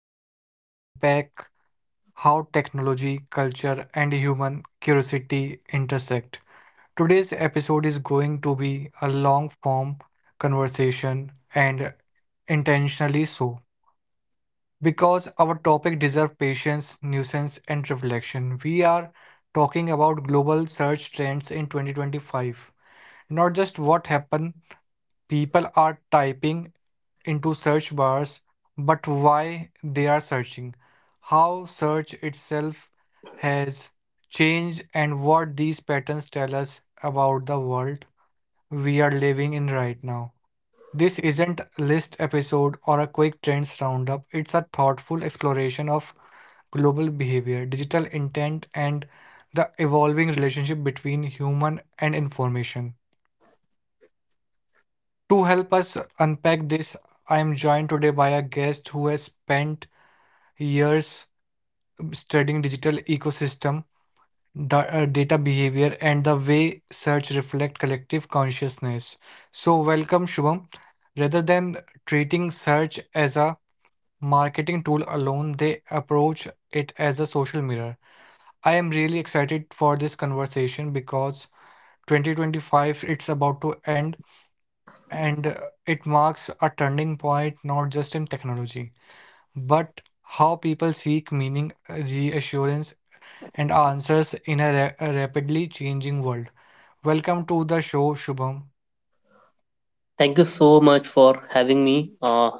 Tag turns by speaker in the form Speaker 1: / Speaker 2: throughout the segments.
Speaker 1: where we unpack how technology, culture, and human curiosity intersect. Today's episode is going to be a long form conversation, and intentionally so, because our topic deserves patience, nuisance, and reflection. We are talking about global search trends in 2025. Not just what happened, people are typing into search bars, but why they are searching, how search itself has changed, and what these patterns tell us about the world we are living in right now. This isn't a list episode or a quick trends roundup, it's a thoughtful exploration of global behavior, digital intent, and the evolving relationship between human and information. To help us unpack this, I am joined today by a guest who has spent years studying digital ecosystem, data behavior, and the way search reflect collective consciousness. So, welcome, Shubham. Rather than treating search as a marketing tool alone, they approach it as a social mirror. I am really excited for this conversation because 2025 it's about to end, and it marks a turning point, not just in technology but how people seek meaning, reassurance, and answers in a, a rapidly changing world. Welcome to the show, Shubham.
Speaker 2: Thank you so much for having me. Uh,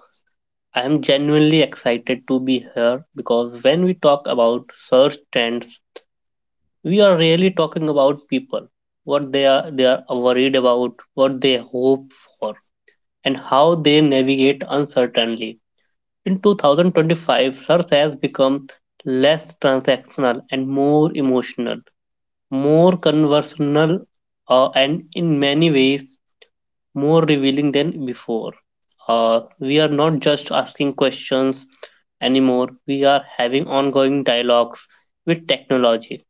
Speaker 2: I am genuinely excited to be here because when we talk about search trends, we are really talking about people, what they are worried about, what they hope for, and how they navigate uncertainly. In 2025, search has become less transactional and more emotional, more conversational, and in many ways more revealing than before. We are not just asking questions anymore, we are having ongoing dialogues with technology.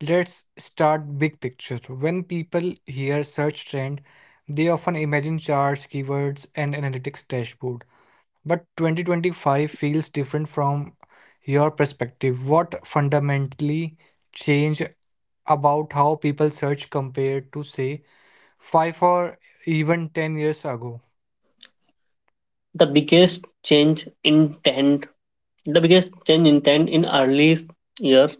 Speaker 1: Let's start big picture. When people hear search trend, they often imagine charts, keywords, and analytics dashboard. But 2025 feels different. From your perspective, what fundamentally changed about how people search compared to, say, 5 or even 10 years ago?
Speaker 2: The biggest change intent, the biggest change intent in early years,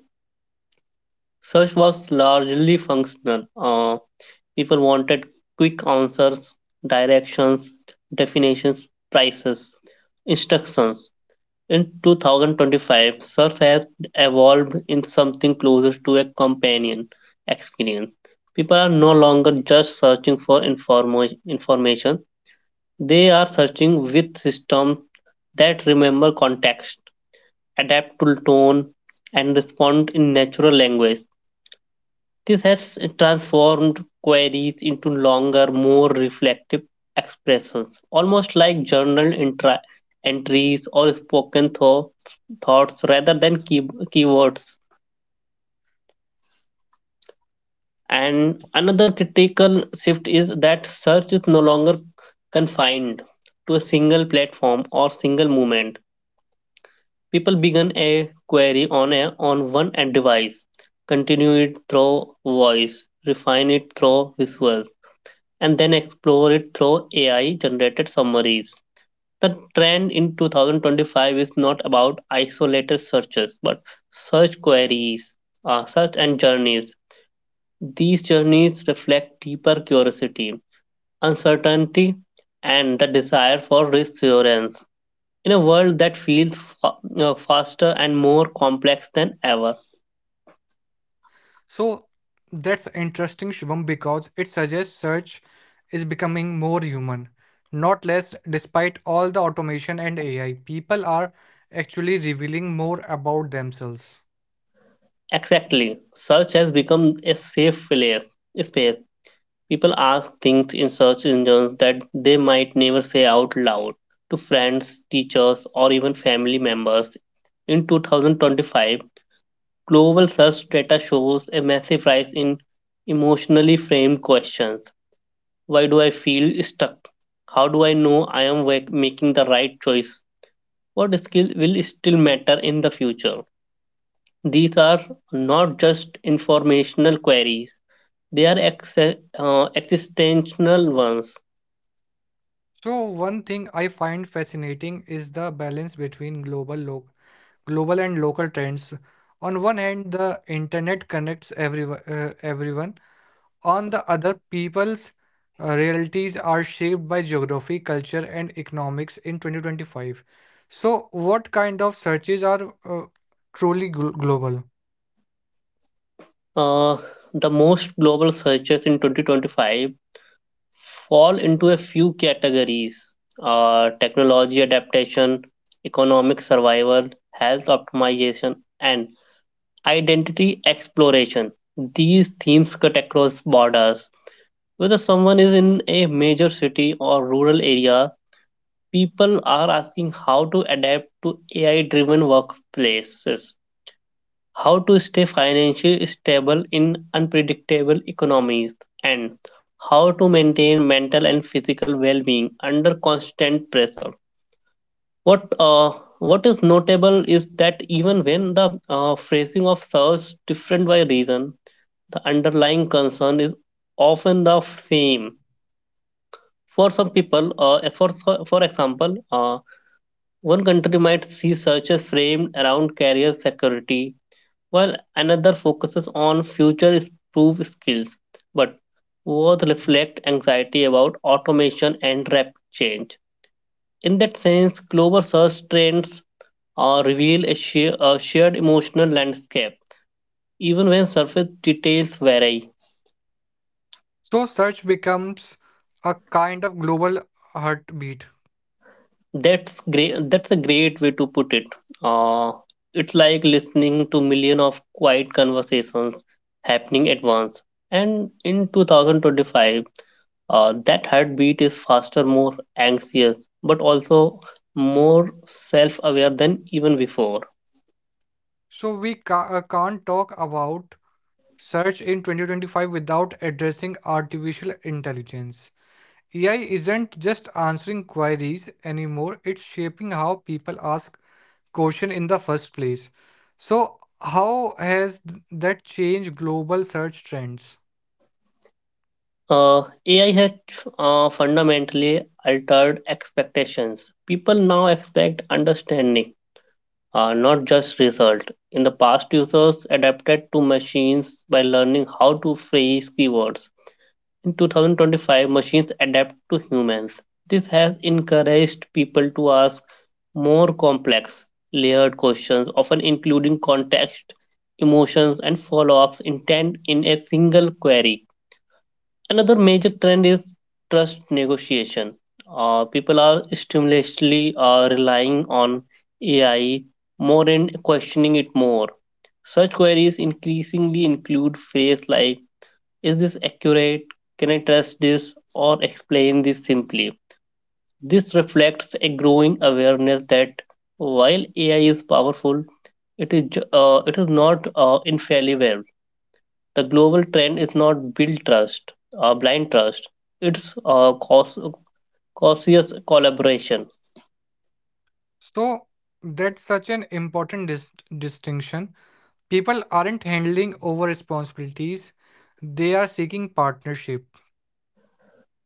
Speaker 2: search was largely functional. People wanted quick answers, directions, definitions, prices, instructions. In 2025, search has evolved in something closer to a companion experience. People are no longer just searching for information, they are searching with systems that remember context, adapt to tone, and respond in natural language. This has transformed queries into longer, more reflective expressions, almost like journal entries or spoken thoughts, thoughts rather than keywords. And another critical shift is that search is no longer confined to a single platform or single movement. People begin a query on a on one end device, continue it through voice, refine it through visuals and then explore it through AI generated summaries. The trend in 2025 is not about isolated searches, but search queries, search and journeys. These journeys reflect deeper curiosity, uncertainty, and the desire for reassurance. In a world that feels faster and more complex than ever.
Speaker 1: So that's interesting, Shivam, because it suggests search is becoming more human, not less, despite all the automation and AI. People are actually revealing more about themselves.
Speaker 2: Exactly, search has become a space. People ask things in search engines that they might never say out loud to friends, teachers, or even family members. In 2025, global search data shows a massive rise in emotionally framed questions. Why do I feel stuck? How do I know I am making the right choice? What skills will still matter in the future? These are not just informational queries, they are existential ones.
Speaker 1: So one thing I find fascinating is the balance between global global and local trends. On one hand, the internet connects everyone, everyone. On the other, people's realities are shaped by geography, culture, and economics in 2025. So, what kind of searches are truly global?
Speaker 2: Uh, the most global searches in 2025 fall into a few categories, technology adaptation, economic survival, health optimization, and identity exploration. These themes cut across borders. Whether someone is in a major city or rural area, people are asking how to adapt to AI driven workplaces, how to stay financially stable in unpredictable economies, and how to maintain mental and physical well-being under constant pressure. What uh, what is notable is that even when the phrasing of serves different by reason, the underlying concern is often the same. For some people, for example, One country might see searches framed around career security, while another focuses on future proof skills, but both reflect anxiety about automation and rapid change. In that sense, global search trends a shared emotional landscape, even when surface details vary.
Speaker 1: So, search becomes a kind of global heartbeat.
Speaker 2: That's great. That's a great way to put it. Uh, it's like listening to millions of quiet conversations happening at once. And in 2025, that heartbeat is faster, more anxious, but also more self aware than even before.
Speaker 1: So, can't talk about search in 2025 without addressing artificial intelligence. AI isn't just answering queries anymore, it's shaping how people ask question in the first place. So, how has that changed global search trends?
Speaker 2: AI has fundamentally altered expectations. People now expect understanding, not just result. In the past, users adapted to machines by learning how to phrase keywords. In 2025, machines adapt to humans. This has encouraged people to ask more complex, layered questions, often including context, emotions, and follow ups intent in a single query. Another major trend is trust negotiation. People are stimulantly relying on AI more and questioning it more. Such queries increasingly include phrases like, is this accurate? Can I trust this, or explain this simply? This reflects a growing awareness that while AI is powerful, it is it is not infallible. The global trend is not blind trust. It's cautious collaboration.
Speaker 1: So, that's such an important distinction. People aren't handling over responsibilities, they are seeking partnership.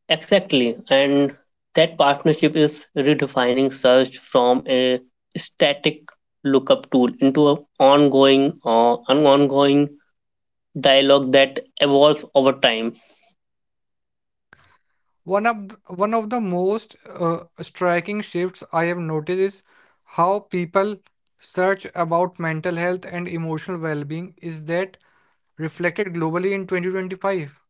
Speaker 2: Exactly, and that partnership is redefining search from a static lookup tool into an ongoing dialogue that evolves over time.
Speaker 1: One of the most striking shifts I have noticed is how people search about mental health and emotional well-being. Is that reflected globally in 2025?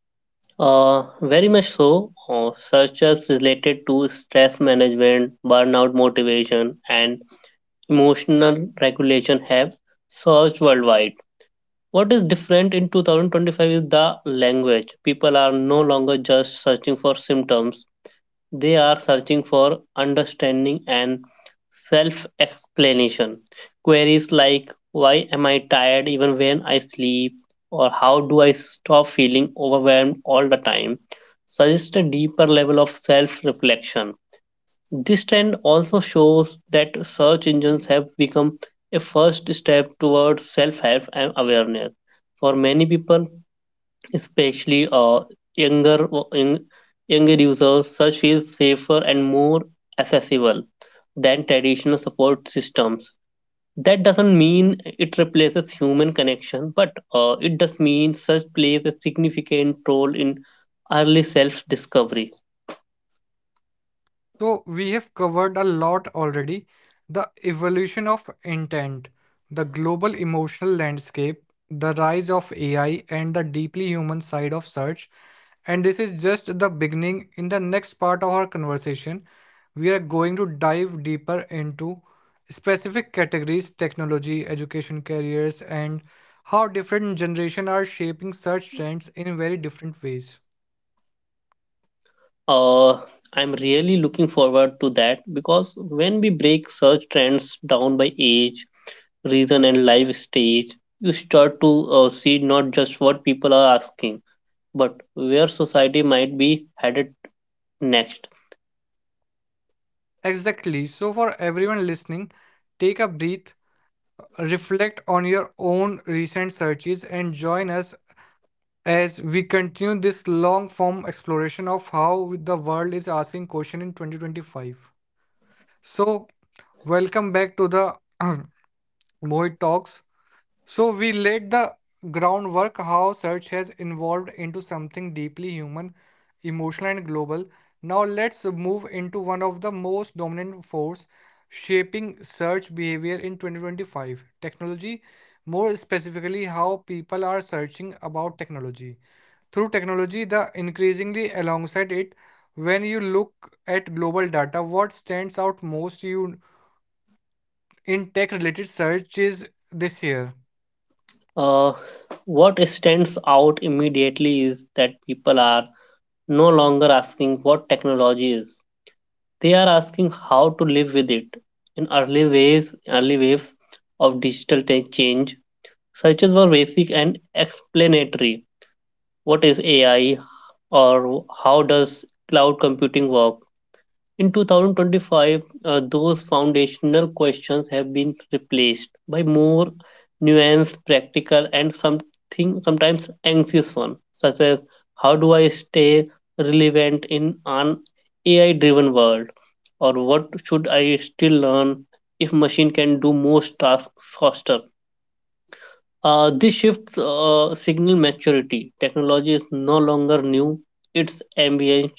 Speaker 2: Very much so. Searches related to stress management, burnout motivation, and emotional regulation have surged worldwide. What is different in 2025 is the language. People are no longer just searching for symptoms, they are searching for understanding and self explanation. Queries like, why am I tired even when I sleep? Or how do I stop feeling overwhelmed all the time? Suggest a deeper level of self reflection. This trend also shows that search engines have become a first step towards self help and awareness. For many people, especially younger young- younger users, such is safer and more accessible than traditional support systems. That doesn't mean it replaces human connection, but it does mean such plays a significant role in early self-discovery.
Speaker 1: So, we have covered a lot already: the evolution of intent, the global emotional landscape, the rise of AI, and the deeply human side of search. And this is just the beginning. In the next part of our conversation, we are going to dive deeper into specific categories: technology, education, careers, and how different generations are shaping search trends in very different ways.
Speaker 2: Uh, I'm really looking forward to that because when we break search trends down by age, reason, and life stage, you start to see not just what people are asking but where society might be headed next.
Speaker 1: Exactly. So, for everyone listening, take a breath, reflect on your own recent searches, and join us as we continue this long form exploration of how the world is asking questions in 2025. So, welcome back to the Mohit Talks. So we laid the groundwork: how search has evolved into something deeply human, emotional, and global. Now let's move into one of the most dominant force shaping search behavior in 2025, technology, more specifically how people are searching about technology. Through technology, the increasingly alongside it, when you look at global data, what stands out most you in tech related searches this year?
Speaker 2: Uh, what stands out immediately is that people are no longer asking what technology is. They are asking how to live with it. In early waves of digital tech change, searches were basic and explanatory. What is AI, or how does cloud computing work? In 2025, those foundational questions have been replaced by more nuanced, practical, and something sometimes anxious ones, such as how do I stay relevant in an AI-driven world, or what should I still learn if machine can do most tasks faster? This shifts signal maturity. Technology is no longer new; it's ambient,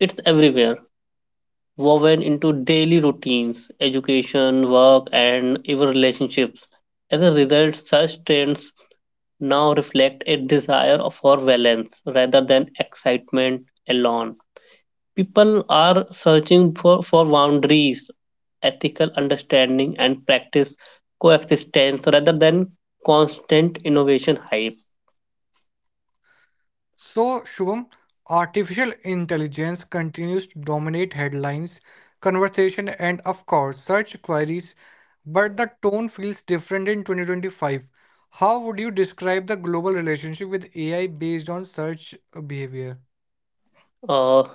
Speaker 2: it's everywhere woven into daily routines, education, work, and even relationships. As a result, such trends now reflect a desire for balance rather than excitement alone. People are searching for boundaries, ethical understanding, and practice coexistence rather than constant innovation hype.
Speaker 1: So, Shubham, artificial intelligence continues to dominate headlines, conversation, and of course, search queries, but the tone feels different in 2025. How would you describe the global relationship with AI based on search behavior?
Speaker 2: Uh,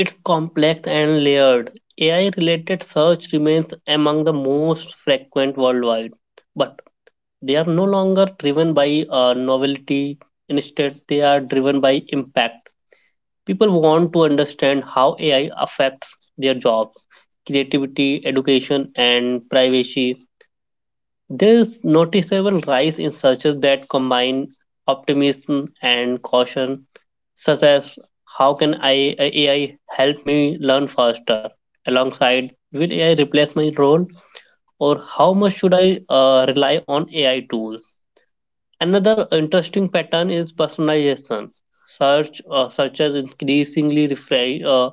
Speaker 2: It's complex and layered. AI related search remains among the most frequent worldwide, but they are no longer driven by novelty. Instead, they are driven by impact. People want to understand how AI affects their jobs, creativity, education, and privacy. There is noticeable rise in searches that combine optimism and caution such as how can AI help me learn faster, alongside will AI replace my role, or how much should I rely on AI tools? Another interesting pattern is personalization. Searches increasingly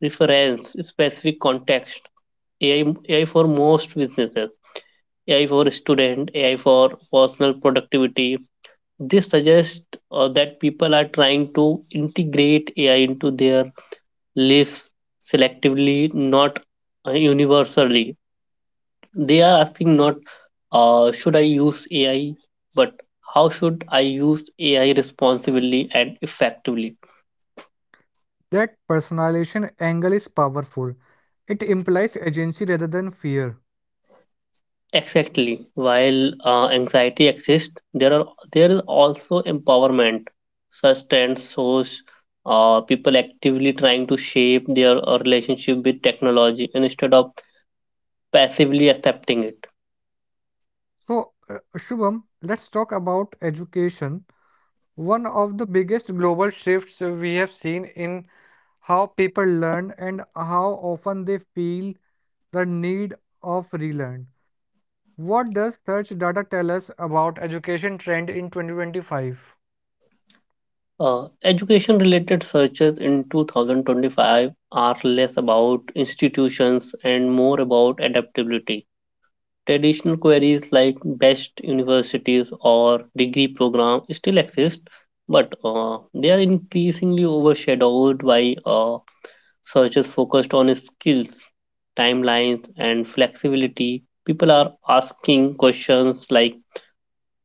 Speaker 2: reference specific context. AI for most businesses, AI for student, AI for personal productivity. This suggests that people are trying to integrate AI into their lives selectively, not universally. They are asking not should I use AI, but how should I use AI responsibly and effectively?
Speaker 1: That personalization angle is powerful. It implies agency rather than fear.
Speaker 2: Exactly. While anxiety exists, there is also empowerment. Such trends shows people actively trying to shape their relationship with technology instead of passively accepting it.
Speaker 1: So, Shubham, let's talk about education. One of the biggest global shifts we have seen in how people learn and how often they feel the need of relearn. What does search data tell us about education trend in 2025?
Speaker 2: Education related searches in 2025 are less about institutions and more about adaptability. Traditional queries like best universities or degree program still exist, but they are increasingly overshadowed by searches focused on skills, timelines, and flexibility. People are asking questions like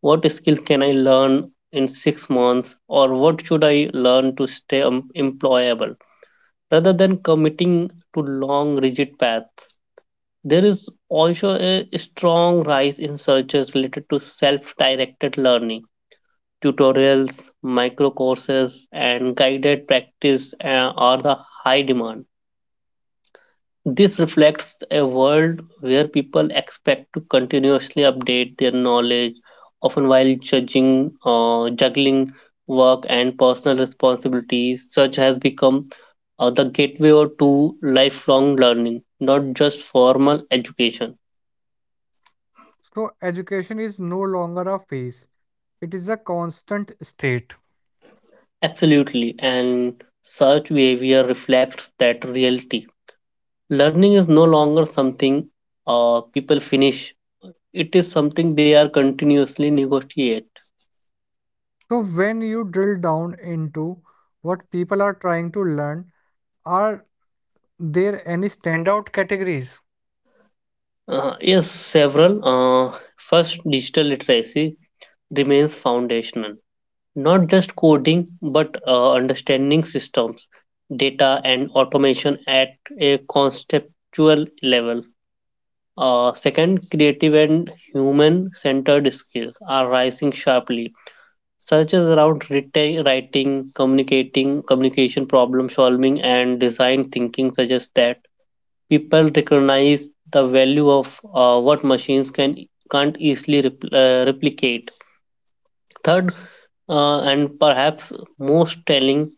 Speaker 2: what skill can I learn in 6 months, or what should I learn to stay employable? Rather than committing to long, rigid paths, there is also a strong rise in searches related to self directed learning. Tutorials, micro courses, and guided practice are the high demand. This reflects a world where people expect to continuously update their knowledge, often while juggling work and personal responsibilities. Search has become the gateway to lifelong learning, not just formal education.
Speaker 1: So education is no longer a phase. It is a constant state.
Speaker 2: Absolutely, and such behavior reflects that reality. Learning is no longer something people finish, it is something they are continuously negotiate.
Speaker 1: So when you drill down into what people are trying to learn, are there any standout categories?
Speaker 2: Yes, several. First, digital literacy remains foundational. Not just coding, but understanding systems, data, and automation at a conceptual level. Second, creative and human centered skills are rising sharply, such as around writing, communication problem solving, and design thinking, such as that people recognize the value of what machines can't easily replicate. Third, and perhaps most telling,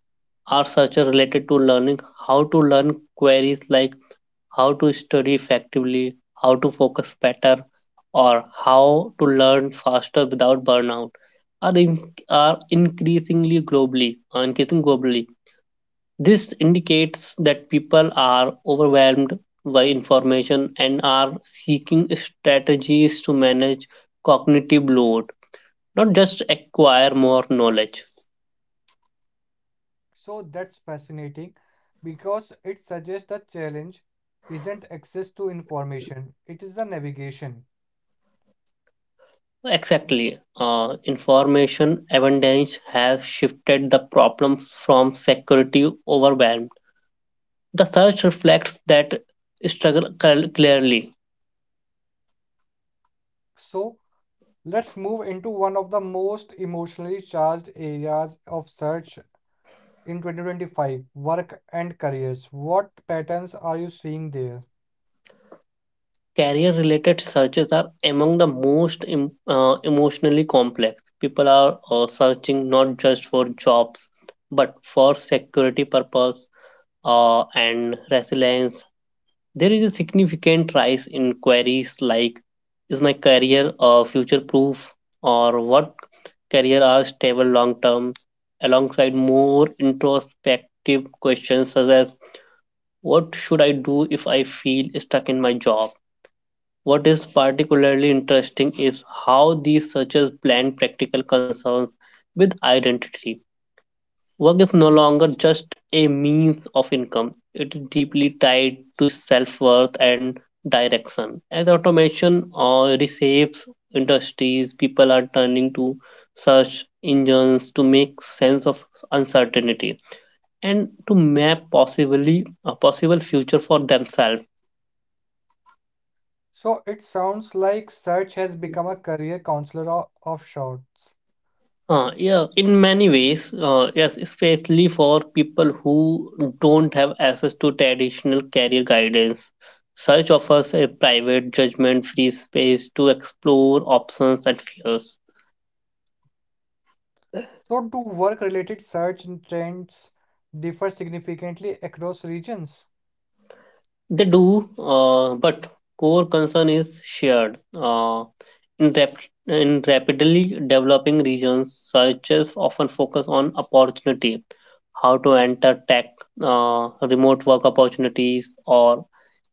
Speaker 2: are such are related to learning how to learn, queries like how to study effectively, how to focus better, or how to learn faster without burnout are in, are increasing globally. This indicates that people are overwhelmed by information and are seeking strategies to manage cognitive load, not just acquire more knowledge.
Speaker 1: So that's fascinating because it suggests the challenge isn't access to information, it is the navigation.
Speaker 2: Exactly. Information abundance has shifted the problem from security overwhelmed. The search reflects that struggle clearly.
Speaker 1: So let's move into one of the most emotionally charged areas of search in 2025, work and careers. What patterns are you seeing there?
Speaker 2: Career related searches are among the most emotionally complex. People are searching not just for jobs but for security purpose and resilience. There is a significant rise in queries like is my career future proof, or what career are stable long term, alongside more introspective questions such as what should I do if I feel stuck in my job? What is particularly interesting is how these searches blend practical concerns with identity. Work is no longer just a means of income, it is deeply tied to self worth and direction. As automation reshapes industries, people are turning to search engines to make sense of uncertainty and to map possibly a possible future for themselves.
Speaker 1: So it sounds like search has become a career counselor of sorts.
Speaker 2: Yeah, in many ways, yes, especially for people who don't have access to traditional career guidance. Search offers a private, judgment free space to explore options and fears.
Speaker 1: So do work related search trends differ significantly across regions?
Speaker 2: They do, but core concern is shared. In rapidly developing regions, searches often focus on opportunity, how to enter tech, remote work opportunities, or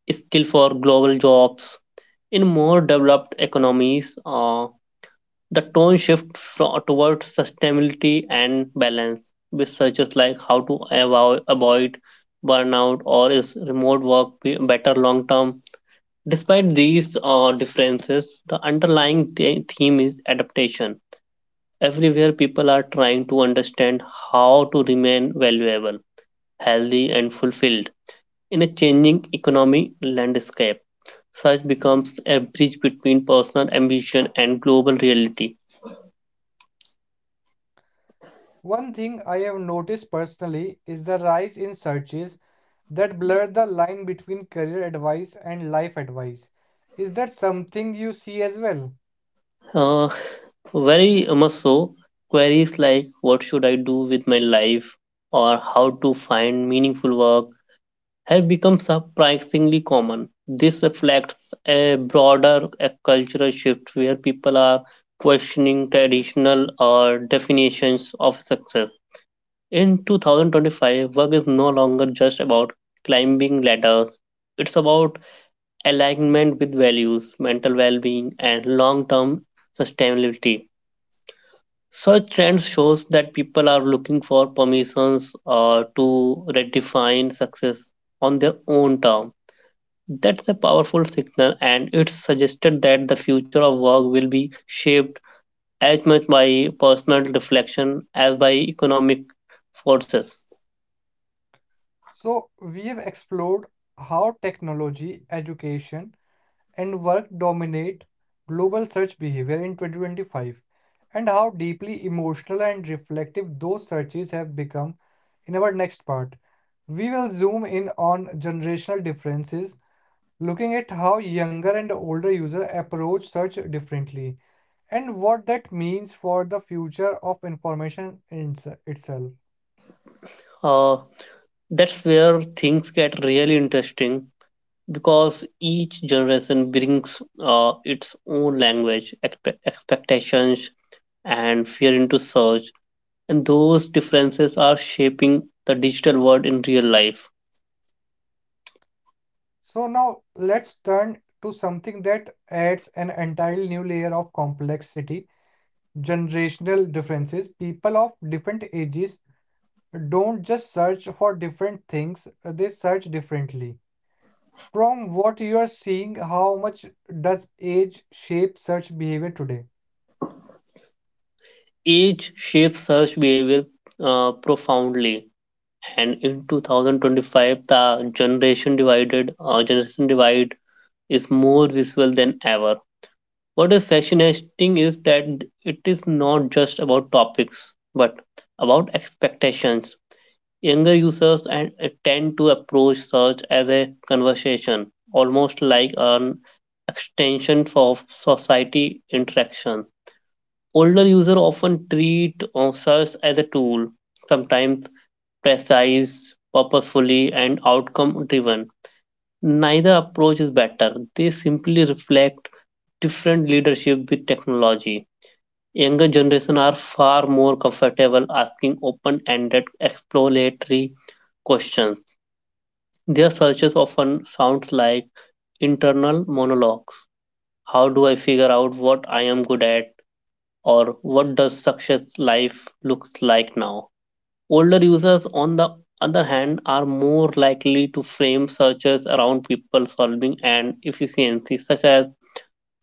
Speaker 2: skill for global jobs. In more developed economies, the tone shifts towards sustainability and balance, with searches like how to avoid burnout or is remote work better long term. Despite these differences, the underlying theme is adaptation. Everywhere, people are trying to understand how to remain valuable, healthy, and fulfilled in a changing economy landscape. Such becomes a bridge between personal ambition and global reality.
Speaker 1: One thing I have noticed personally is the rise in searches that blur the line between career advice and life advice. Is that something you see as well?
Speaker 2: Uh, Very much so, queries like what should I do with my life or how to find meaningful work have become surprisingly common. This reflects a broader cultural shift where people are questioning traditional or definitions of success. In 2025, work is no longer just about climbing ladders. It's about alignment with values, mental well-being, and long-term sustainability. Such trends shows that people are looking for permissions to redefine success on their own term. That's a powerful signal, and it's suggested that the future of work will be shaped as much by personal reflection as by economic forces.
Speaker 1: So, we have explored how technology, education, and work dominate global search behavior in 2025, and how deeply emotional and reflective those searches have become. In our next part, we will zoom in on generational differences, looking at how younger and older users approach search differently and what that means for the future of information in itself.
Speaker 2: Uh, that's where things get really interesting because each generation brings its own language, expectations, and fear into search, and those differences are shaping the digital world in real life.
Speaker 1: So now let's turn to something that adds an entirely new layer of complexity, generational differences. People of different ages don't just search for different things, they search differently. From what you are seeing, how much does age shape search behavior today?
Speaker 2: Age shapes search behavior profoundly, and in 2025, the generation divide is more visible than ever. What is fascinating is that it is not just about topics, but about expectations. Younger users and tend to approach search as a conversation, almost like an extension of society interaction. Older users often treat search as a tool, sometimes precise, purposefully, and outcome driven. Neither approach is better, they simply reflect different leadership with technology. Younger generation are far more comfortable asking open-ended exploratory questions. Their searches often sounds like internal monologues. How do I figure out what I am good at, or what does success life looks like now? Older users on the other hand are more likely to frame searches around people solving and efficiency, such as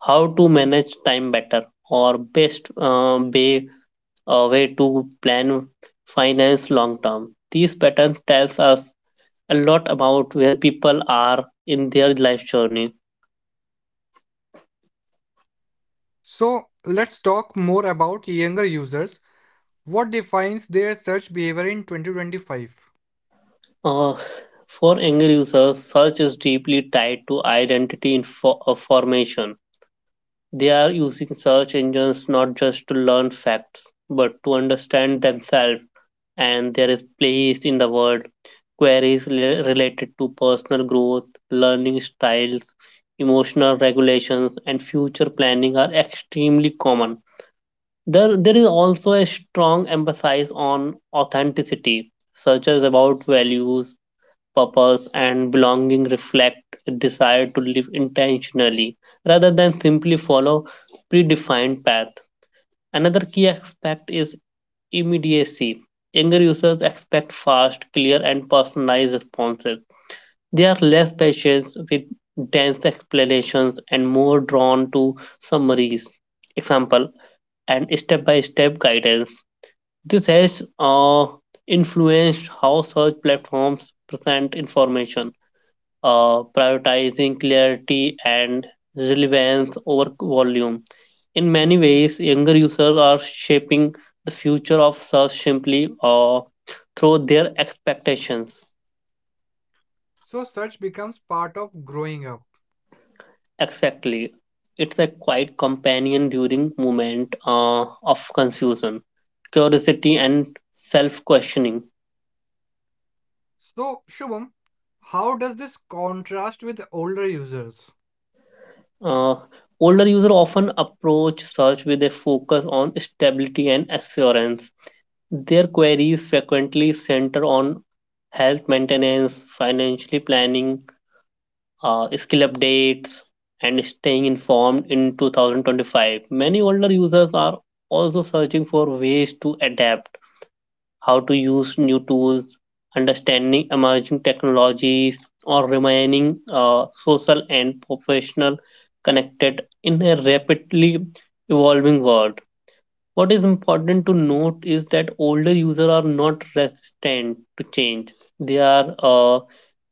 Speaker 2: how to manage time better or best way to plan finance long term. These patterns tells us a lot about where people are in their life journey.
Speaker 1: So let's talk more about younger users. What defines their search behavior in 2025?
Speaker 2: Uh, for younger users, search is deeply tied to identity formation. They are using search engines not just to learn facts, but to understand themselves and their place in the world. Queries related to personal growth, learning styles, emotional regulations, and future planning are extremely common. There is also a strong emphasis on authenticity, such as about values, purpose, and belonging reflect a desire to live intentionally rather than simply follow predefined path. Another key aspect is immediacy. Younger users expect fast, clear, and personalized responses. They are less patient with dense explanations and more drawn to summaries. Example and step-by-step guidance, this has influenced how search platforms present information, prioritizing clarity and relevance over volume. In many ways, younger users are shaping the future of search simply through their expectations.
Speaker 1: So search becomes part of growing up.
Speaker 2: Exactly. It's a quiet companion during moment of confusion, curiosity, and self-questioning.
Speaker 1: So Shubham, how does this contrast with older users?
Speaker 2: Uh, Older users often approach search with a focus on stability and assurance. Their queries frequently center on health maintenance, financially planning, skill updates, and staying informed in 2025. Many older users are also searching for ways to adapt, how to use new tools, understanding emerging technologies, or remaining social and professional connected in a rapidly evolving world. What is important to note is that older users are not resistant to change. They are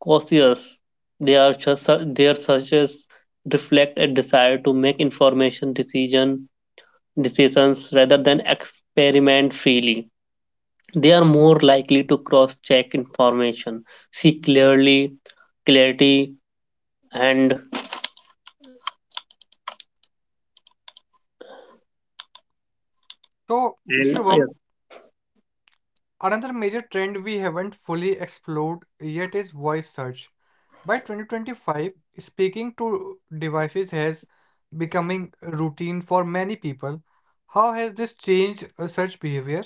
Speaker 2: cautious. They are just, their searches reflect a desire to make information decisions rather than experiment freely. They are more likely to cross check information, see clearly, clarity, and
Speaker 1: So
Speaker 2: and
Speaker 1: Shubham, another major trend we haven't fully explored yet is voice search. By 2025, speaking to devices has becoming routine for many people. How has this changed search behavior?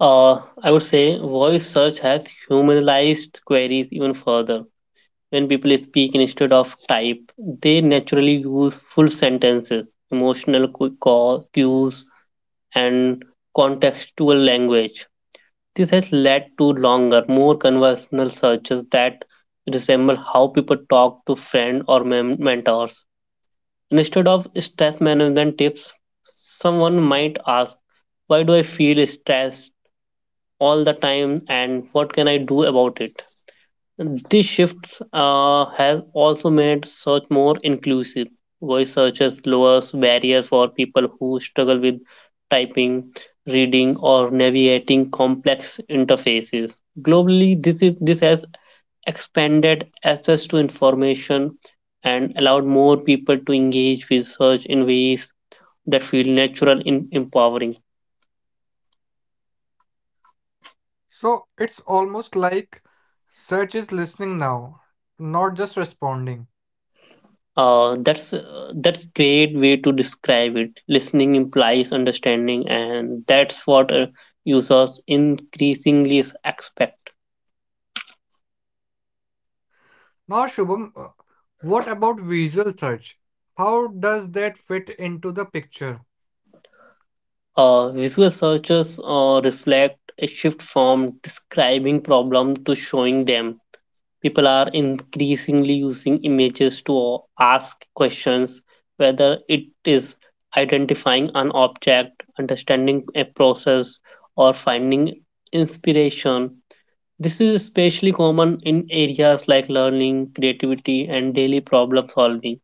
Speaker 2: I would say voice search has humanized queries even further. When people speak instead of type, they naturally use full sentences, emotional cues, and contextual language. This has led to longer, more conversational searches that resemble how people talk to friends or mentors. Instead of stress management tips, someone might ask, why do I feel stressed all the time and what can I do about it? This shift has also made search more inclusive. Voice searches lowers barriers for people who struggle with typing, reading, or navigating complex interfaces. Globally, this has expanded access to information and allowed more people to engage with search in ways that feel natural and empowering.
Speaker 1: So it's almost like search is listening now, not just responding.
Speaker 2: That's great way to describe it. Listening implies understanding, and that's what users increasingly expect.
Speaker 1: Now, Shubham, what about visual search? How does that fit into the picture?
Speaker 2: Visual searches reflect a shift from describing problems to showing them. People are increasingly using images to ask questions, whether it is identifying an object, understanding a process, or finding inspiration. This is especially common in areas like learning, creativity, and daily problem solving.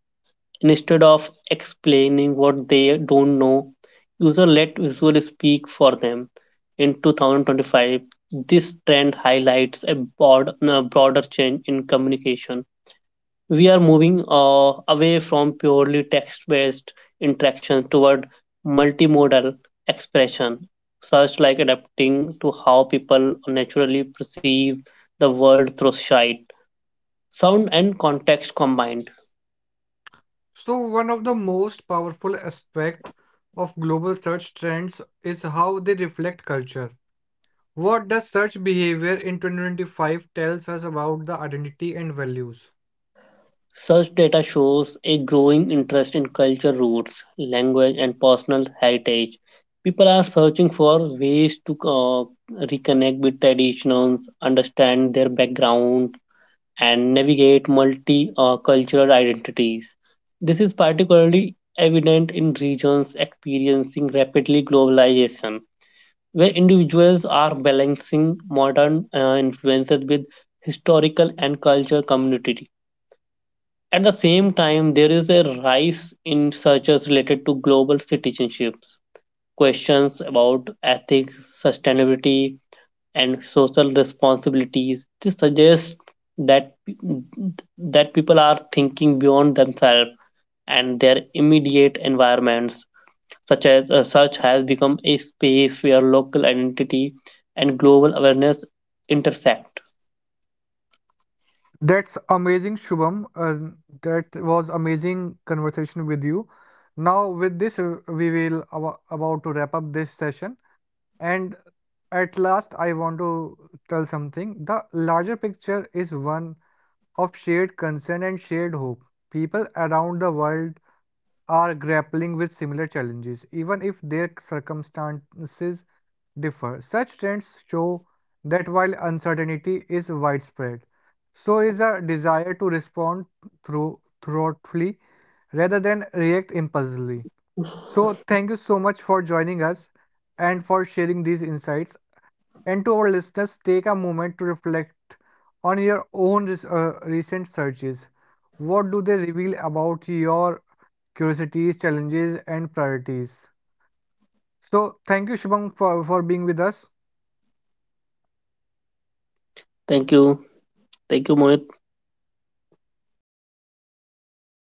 Speaker 2: Instead of explaining what they don't know, user let visual speak for them. In 2025, this trend highlights a broader change in communication. We are moving away from purely text based interaction toward multimodal expression, such like adapting to how people naturally perceive the world through sight, sound, and context combined.
Speaker 1: So one of the most powerful aspect of global search trends is how they reflect culture. What does search behavior in 2025 tells us about the identity and values?
Speaker 2: Such data shows a growing interest in culture roots, language, and personal heritage. People are searching for ways to reconnect with traditions, understand their background, and navigate multi cultural identities. This is particularly evident in regions experiencing rapidly globalization, where individuals are balancing modern influences with historical and cultural community. At the same time, there is a rise in searches related to global citizenships, questions about ethics, sustainability, and social responsibilities. This suggests that that people are thinking beyond themselves and their immediate environments. Such has become a space where local identity and global awareness intersect.
Speaker 1: That's amazing, Shubham. That was amazing conversation with you. Now, with this, we will about to wrap up this session. And at last, I want to tell something. The larger picture is one of shared concern and shared hope. People around the world are grappling with similar challenges, even if their circumstances differ. Such trends show that while uncertainty is widespread, so is a desire to respond through thoughtfully rather than react impulsively. So, thank you so much for joining us and for sharing these insights. And to our listeners, take a moment to reflect on your own recent searches. What do they reveal about your curiosities, challenges, and priorities? So, thank you, Shubham, for being with us.
Speaker 2: Thank you. Thank you, Mohit.